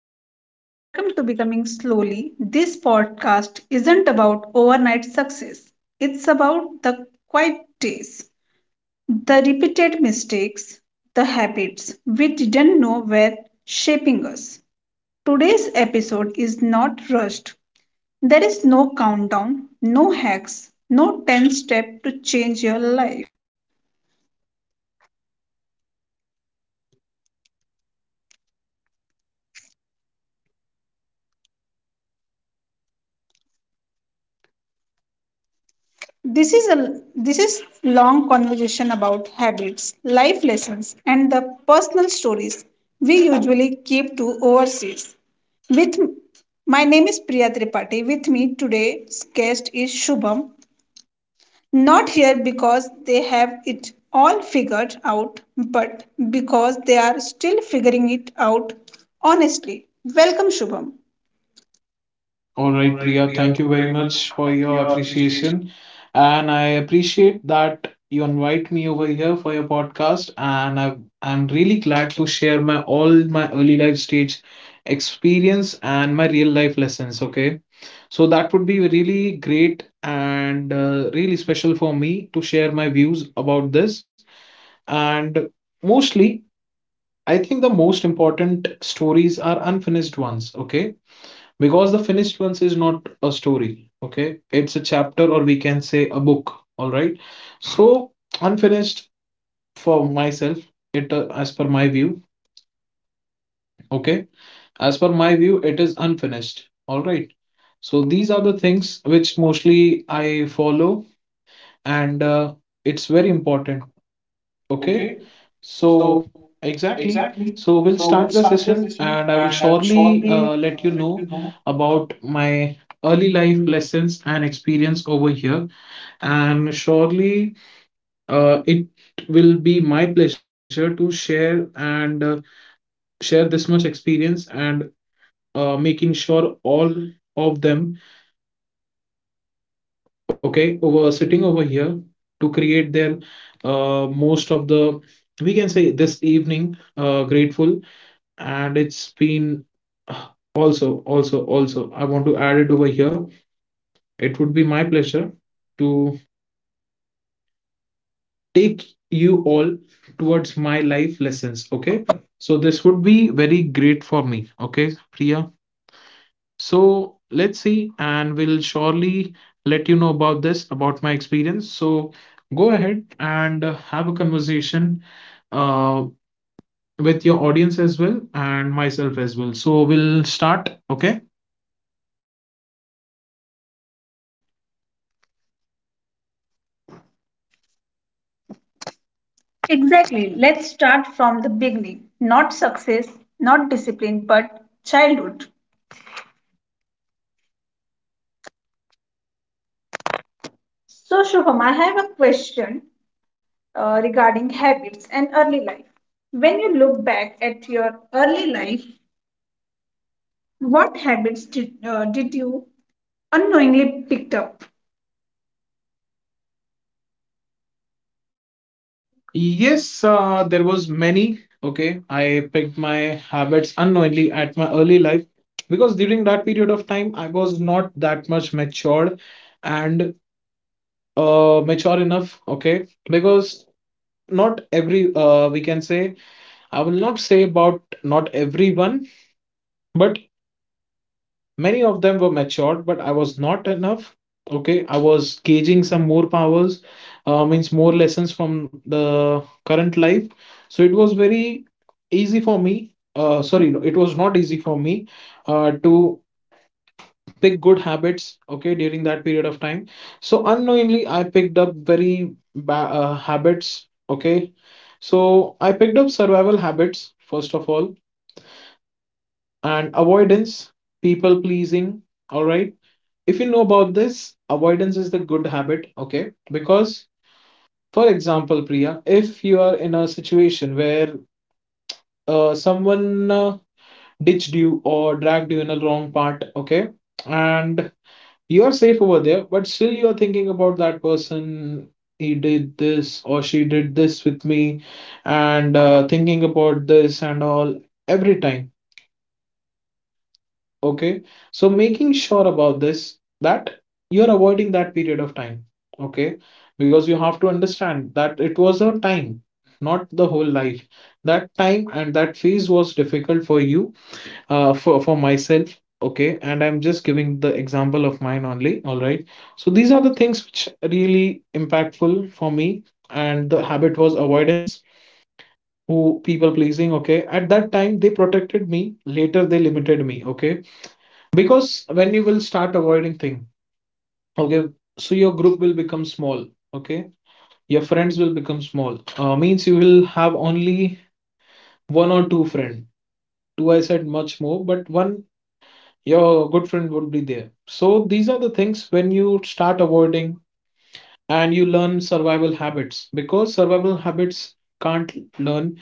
welcoming to welcome to Becoming Slowly. This podcast isn't about overnight success. It's about the quiet days, the repeated mistakes, the habits we didn't know were shaping us. Today's episode is not rushed. There is no countdown, no hacks, no 10 step to change your life. This is long conversation about habits, life lessons, and the personal stories we usually keep to overseas. With My name is Priya Tripathi. With me today's guest is Shubham. Not here because they have it all figured out, but because they are still figuring it out honestly. Welcome, Shubham. All All right, right, Priya, Priya, thank thank you very you very much much for for your your appreciation. appreciation. And I appreciate that you invite me over here for your podcast. And I'm really glad to share my all my early life stage experience and my real life lessons. Okay. So that would be really great and really special for me to share my views about this. And mostly, I think the most important stories are unfinished ones. Okay, because the finished ones is not a story. Okay, it's a chapter, or we can say a book. All right. So unfinished, for myself, it as per my view, okay, as per my view, it is unfinished. All right. So these are the things which mostly I follow, and it's very important. Okay. Okay, So, so exactly. exactly. So, So we'll we'll start the start the session, session and I and will I will surely surely let you let know you know. about my early life lessons and experience over here. And surely, it will be my pleasure to share, and share this much experience, and making sure all of them, okay, over sitting over here to create their most of the, we can say, this evening, grateful. And it's been also I want to add it over here. It would be my pleasure to take you all towards my life lessons. Okay. So this would be very great for me. Okay, Priya. So let's see, and we'll surely let you know about this, about my experience. So go ahead and have a conversation uh, with your audience as well and myself as well. So we'll start. Okay. Exactly. Let's start from the beginning. Not success, not discipline, but childhood. So, Shubham, I have a question regarding habits and early life. When you look back at your early life, what habits did you unknowingly picked up? Yes, there was many. Okay, I picked my habits unknowingly at my early life because during that period of time I was not that much matured and mature enough. Okay, because not every we can say, I will not say about not everyone, but many of them were matured, but I was not enough. Okay, I was gauging some more powers, means more lessons from the current life. So it was very easy for me. Sorry, no, it was not easy for me to pick good habits. Okay, during that period of time. So unknowingly, I picked up very habits. Okay, so I picked up survival habits first of all, and avoidance, people pleasing. All right. If you know about this, avoidance is the good habit, okay? Because, for example, Priya, if you are in a situation where someone ditched you or dragged you in a wrong part, okay? And you are safe over there, but still you are thinking about that person. He did this or she did this with me, and thinking about this and all every time. Okay. So making sure about this, that you're avoiding that period of time. Okay, because you have to understand that it was a time, not the whole life. That time and that phase was difficult for you, for myself. Okay, and I'm just giving the example of mine only. All right. So these are the things which really impactful for me, and the habit was avoidance, who people pleasing. Okay, at that time they protected me, later they limited me. Okay, because when you will start avoiding thing, okay, so your group will become small, okay? Your friends will become small. Means you will have only one or two friend. Two, I said much more, but one your good friend would be there. So these are the things when you start avoiding, and you learn survival habits, because survival habits can't learn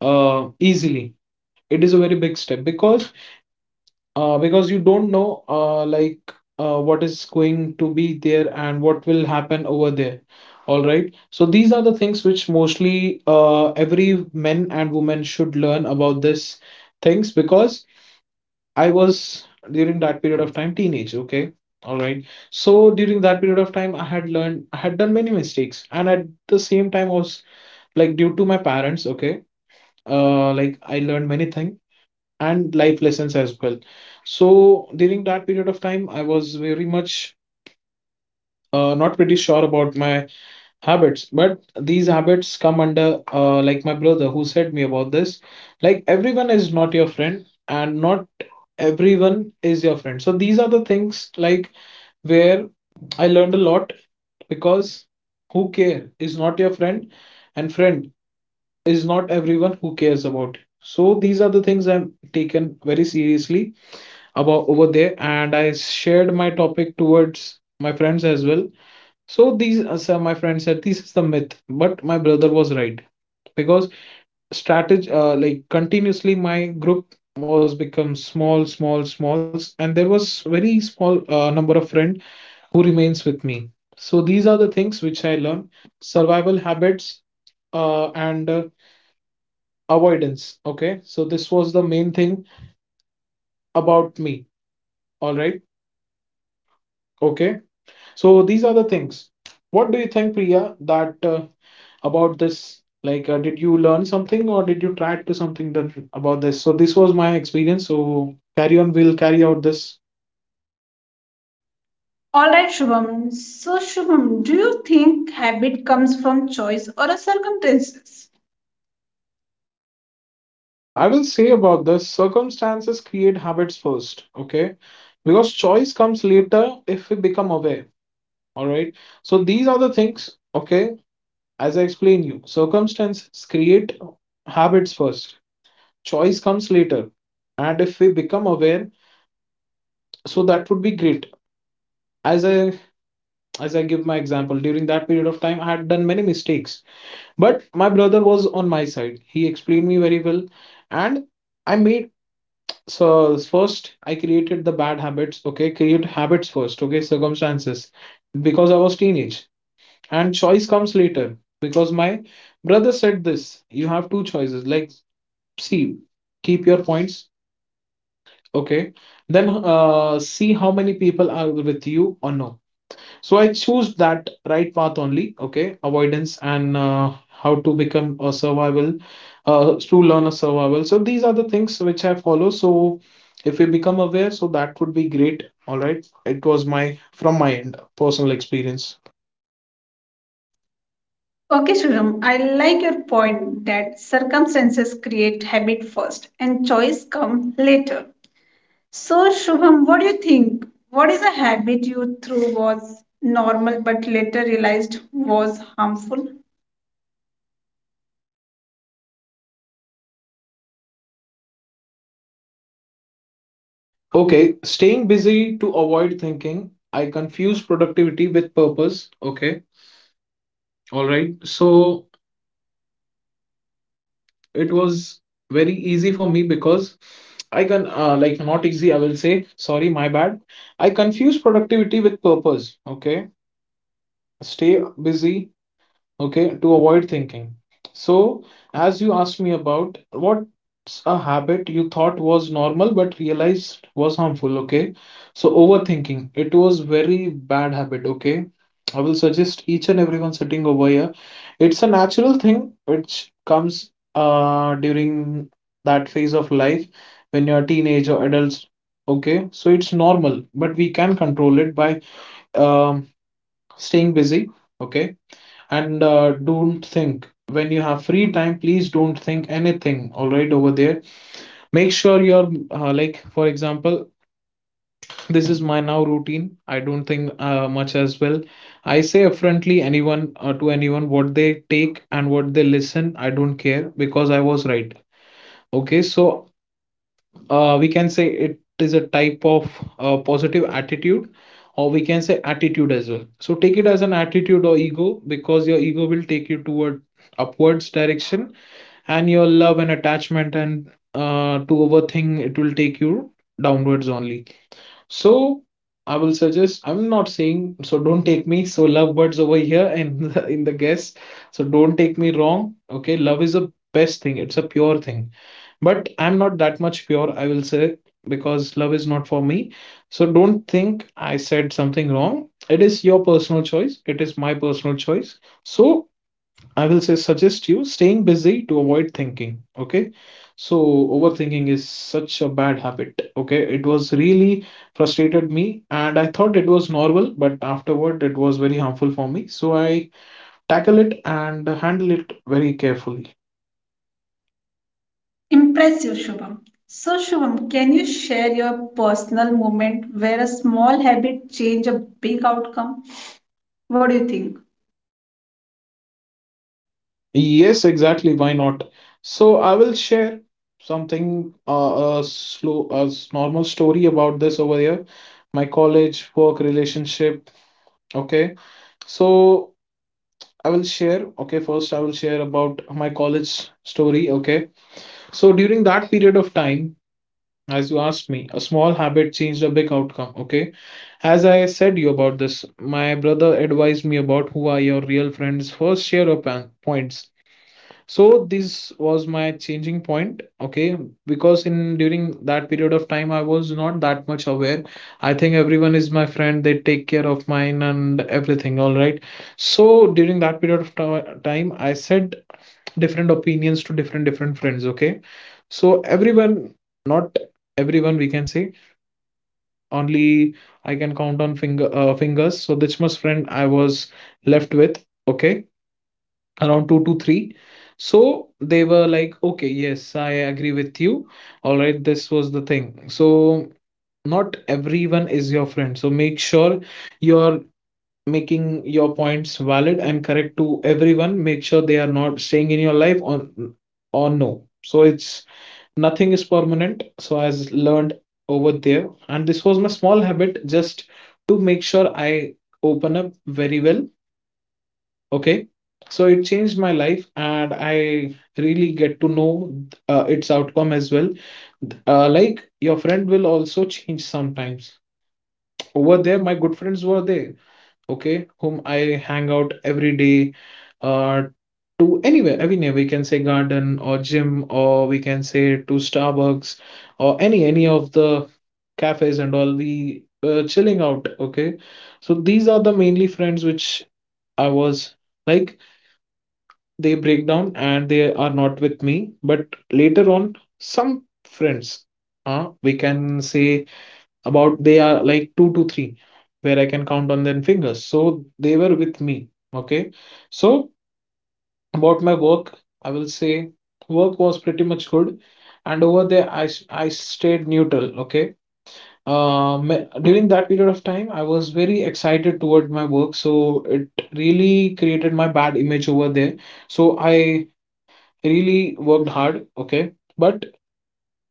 easily. It is a very big step because because you don't know like what is going to be there and what will happen over there. All right. So these are the things which mostly every men and women should learn about this things, because I was, during that period of time, teenage. Okay. All right. So during that period of time, I had done many mistakes, and at the same time was like due to my parents. Okay. Like I learned many things and life lessons as well. So during that period of time, I was very much not pretty sure about my habits, but these habits come under, like, my brother who said me about this. Like everyone is not your friend, and not everyone is your friend. So these are the things, like, where I learned a lot, because who care is not your friend, and friend is not everyone who cares about. So these are the things I'm taken very seriously about over there, and I shared my topic towards my friends as well. So my friend said this is the myth, but my brother was right, because strategy, like, continuously my group was become small small smalls, and there was very small number of friend who remains with me. So these are the things which I learned: survival habits and avoidance. Okay, so this was the main thing about me. All right. Okay. So these are the things. What do you think, Priya, that, about this? Like, did you learn something, or did you try to something that about this? So this was my experience. So carry on. We'll carry out this. All right, Shubham. So, Shubham, do you think habit comes from choice or a circumstances? I will say about this. Circumstances create habits first, okay? Because choice comes later if we become aware. All right. So these are the things, okay? As I explain you, circumstances create habits first. Choice comes later. And if we become aware, so that would be great. As i as i give my example, during that period of time I had done many mistakes, but my brother was on my side, he explained me very well. And I made so first I created the bad habits. Okay, create habits first, okay, circumstances, because I was teenage. And choice comes later, because my brother said this: you have two choices, like, see, keep your points, okay? Then see how many people are with you or no. So I choose that right path only, okay, avoidance and how to become a survival, to learn a survival. So these are the things which I follow. So if we become aware, so that would be great. All right, it was my from my end personal experience. Okay, Shubham, I like your point that circumstances create habit first and choice come later. So, Shubham, what do you think? What is a habit you through was normal but later realized was harmful? Okay, staying busy to avoid thinking. I confuse productivity with purpose. Okay, all right. So it was very easy for me because I can like, not easy, I will say. Sorry, my bad. I confuse productivity with purpose. Okay. Stay busy, okay, to avoid thinking. So as you asked me about what's a habit you thought was normal but realized was harmful, okay, so overthinking, it was very bad habit. Okay. I will suggest each and everyone sitting over here, it's a natural thing which comes during that phase of life, when you're a teenage or adults. Okay, so it's normal, but we can control it by um staying busy. Okay. And don't think, when you have free time please don't think anything. All right, over there, make sure you're like, for example, this is my now routine. I don't think much as well. I say upfrontly anyone, to anyone, what they take and what they listen, I don't care, because I was right. Okay. So we can say it is a type of positive attitude, or we can say attitude as well. So take it as an attitude or ego, because your ego will take you toward upwards direction, and your love and attachment and to overthink, it will take you downwards only. So I will suggest, I'm not saying, so don't take me so, love birds over here, in the guess, so don't take me wrong. Okay, love is a best thing, it's a pure thing. But I'm not that much pure, I will say, because love is not for me. So don't think I said something wrong. It is your personal choice, it is my personal choice. So I will say, suggest you staying busy to avoid thinking. Okay. So overthinking is such a bad habit. Okay. It was really frustrated me and I thought it was normal, but afterward it was very harmful for me. So I tackle it and handle it very carefully. Impressive, Shubham. So, Shubham, can you share your personal moment where a small habit changed a big outcome? What do you think? Yes, exactly. Why not? So I will share something a slow a s- normal story about this over here. My college work relationship. Okay. So I will share. Okay, first I will share about my college story. Okay. So during that period of time, as you asked me, a small habit changed a big outcome. Okay. As I said you about this, my brother advised me about who are your real friends. First, share your points. So this was my changing point, okay, because in during that period of time, I was not that much aware. I think everyone is my friend, they take care of mine and everything, all right. So during that period of time, I said different opinions to different different friends, okay. So everyone, not everyone we can say, only I can count on fingers. So this much friend I was left with, okay, around two to three. So they were like, okay, yes, I agree with you. All right, this was the thing. So not everyone is your friend. So make sure you're making your points valid and correct to everyone. Make sure they are not staying in your life, or no. So it's nothing is permanent. So I learned over there, and this was my small habit just to make sure I open up very well, okay. So it changed my life, and I really get to know its outcome as well. Like your friend will also change sometimes. Over there my good friends were there, okay, whom I hang out every day, uh, to anywhere anywhere we can say, garden or gym, or we can say to Starbucks or any of the cafes and all, we chilling out, okay. So these are the mainly friends which I was like, they break down and they are not with me. But later on some friends, we can say about, they are like two to three, where I can count on their fingers, so they were with me, okay. So about my work, I will say work was pretty much good. And over there I stayed neutral, okay. Um during that period of time, I was very excited toward my work, so it really created my bad image over there. So I really worked hard, okay, but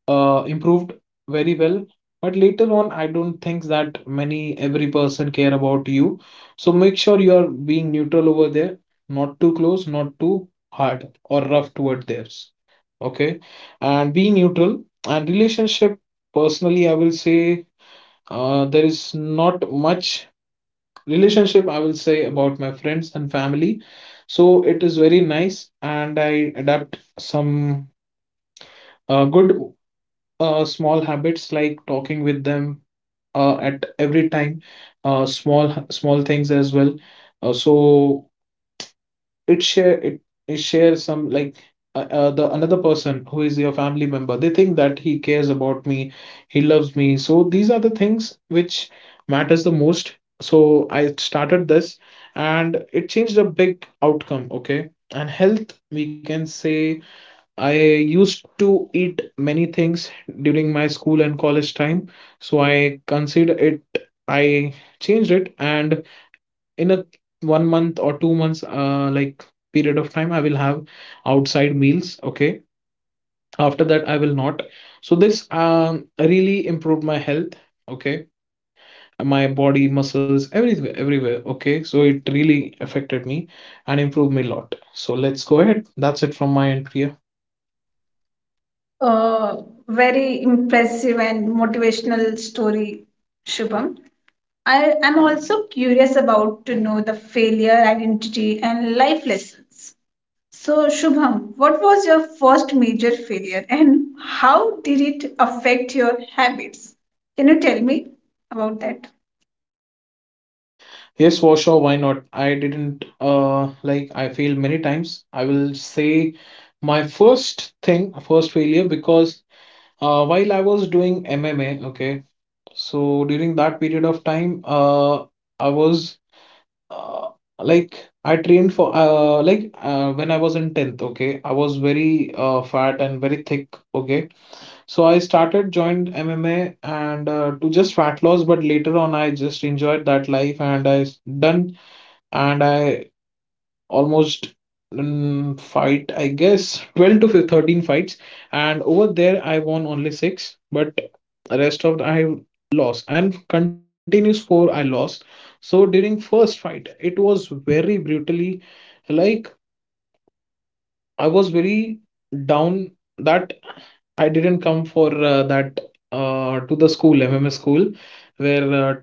improved very well. But later on, I don't think that many every person care about you. So make sure you are being neutral over there, not too close, not too hard or rough toward theirs. Okay, and be neutral. And relationship, personally, I will say there is not much relationship. I will say about my friends and family. So it is very nice, and I adapt some good small habits like talking with them at every time, small small things as well. So it share it, it shares some like the another person who is your family member. They think that he cares about me, he loves me. So these are the things which matters the most. So I started this, and it changed a big outcome. Okay, and health we can say I used to eat many things during my school and college time, so I considered it. I changed it, and in a 1 month or 2 months, like period of time, I will have outside meals. Okay, after that, I will not. So this really improved my health. Okay, my body, muscles, everywhere, everywhere. Okay, so it really affected me and improved me a lot. So let's go ahead. That's it from my end, Priya. Uh, very impressive and motivational story, Shubham. I am also curious about to know the failure, identity, and life lessons. So, Shubham, what was your first major failure and how did it affect your habits? Can you tell me about that? Yes, for sure. Why not? I didn't like I failed many times. I will say my first thing, first failure, because while I was doing MMA, okay. So during that period of time, I was uh, like I trained for when I was in 10th, okay. I was very fat and very thick, okay. So I started joined MMA and to just fat loss, but later on I just enjoyed that life, and done. And I almost, fight, I guess, 12 to 15 13 fights. And over there, I won only six, but rest of the, I lost, and continuous four I lost. So during first fight, it was very brutally, like I was very down, that I didn't come for that to the school, MMS school, where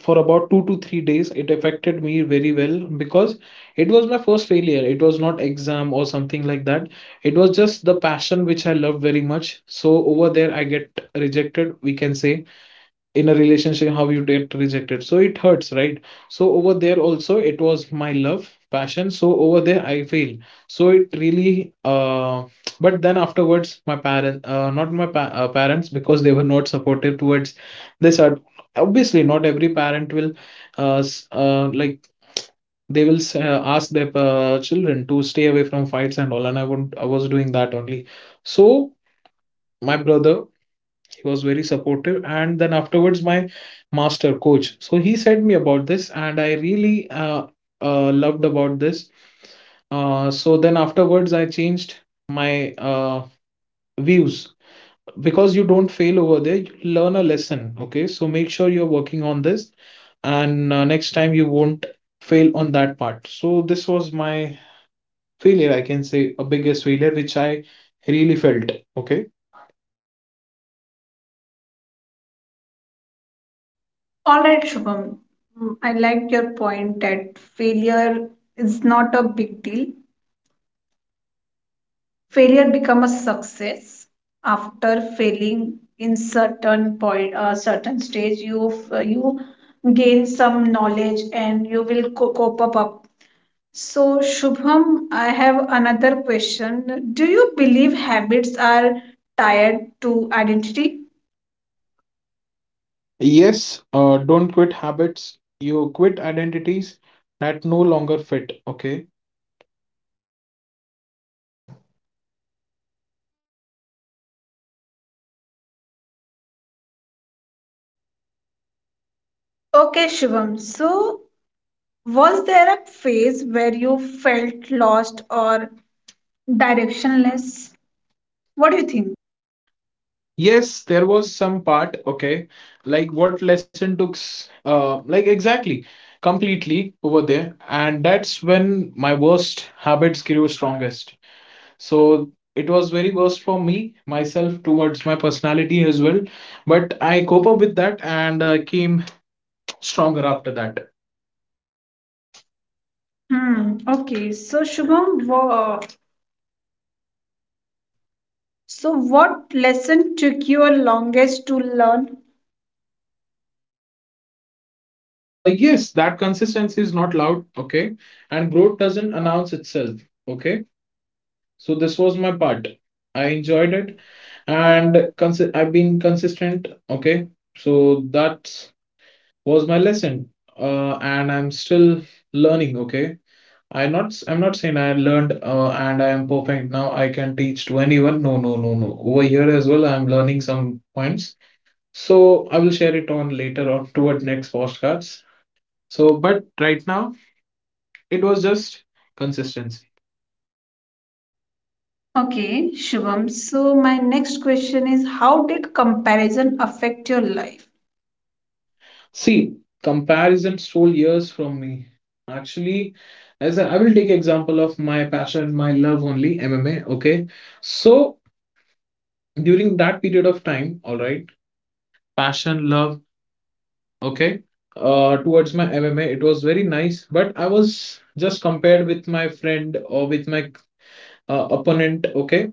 for about 2 to 3 days it affected me very well, because it was my first failure. It was not exam or something like that. It was just the passion which I loved very much. So over there I get rejected, we can say, in a relationship how you get rejected, so it hurts, right? So over there also it was my love passion, so over there I failed. So it really but then afterwards my parents, because they were not supportive towards this art. Obviously not every parent will like they will ask their children to stay away from fights and all, and I was doing that only. So my brother, he was very supportive. And then afterwards my master coach, so he said me about this, and I really loved about this. So then afterwards I changed my uh, views, because you don't fail over there, you learn a lesson, okay. So make sure you're working on this, and next time you won't fail on that part. So this was my failure, I can say, a biggest failure which I really felt, okay. All right, Shubham. Mm, I liked your point that failure is not a big deal. Failure become a success after failing in certain point certain stage you you gain some knowledge and you will cope up. So, Shubham, I have another question. Do you believe habits are tied to identity? Yes, don't quit habits. You quit identities that no longer fit. Okay. Okay, Shubham, so was there a phase where you felt lost or directionless? What do you think? Yes, there was some part. Okay. Like what lesson took, like exactly, completely over there. And that's when my worst habits grew strongest. So it was very worst for me, myself, towards my personality as well. But I cope up with that, and I came stronger after that. Hmm. Okay. So, Shubham, so, what lesson took you longest to learn? Yes, that consistency is not loud, okay? And growth doesn't announce itself, okay? So this was my part. I enjoyed it, and And I've been consistent, okay? So that was my lesson. And I'm still learning, okay? I'm not saying I learned and I am perfect now. I can teach to anyone. No, no, no, no. Over here as well, I'm learning some points. So I will share it on later on toward next postcards. So, but right now it was just consistency. okay, Shubham. So, my next question is, how did comparison affect your life? See, comparison stole years from me. Actually, I will take example of my passion, my love only, MMA. Okay, so during that period of time, all right, passion, love, okay, towards my MMA, it was very nice. But I was just compared with my friend or with my opponent. Okay,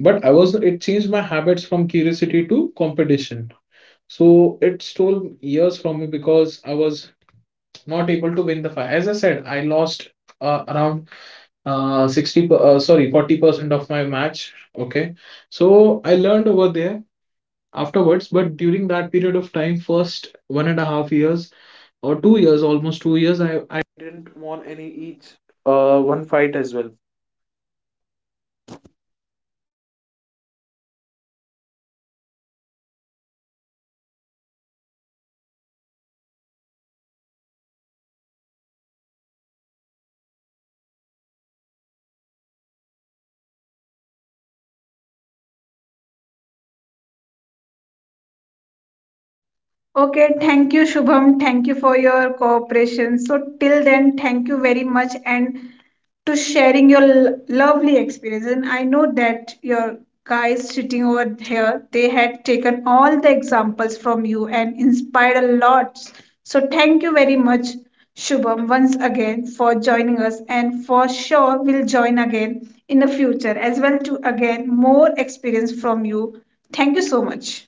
but I was it changed my habits from curiosity to competition. So it stole years from me because I was not able to win the fight. As I said, I lost around 60, sorry, 40% of my match. Okay. So I learned over there afterwards, but during that period of time, first 1.5 years or 2 years, almost 2 years, Okay, thank you, Shubham. Thank you for your cooperation. So, till then, thank you very much and to sharing your lovely experience. And I know that your guys sitting over here, they had taken all the examples from you and inspired a lot. So thank you very much, Shubham, once again for joining us, and for sure we'll join again in the future as well to again more experience from you. Thank you so much.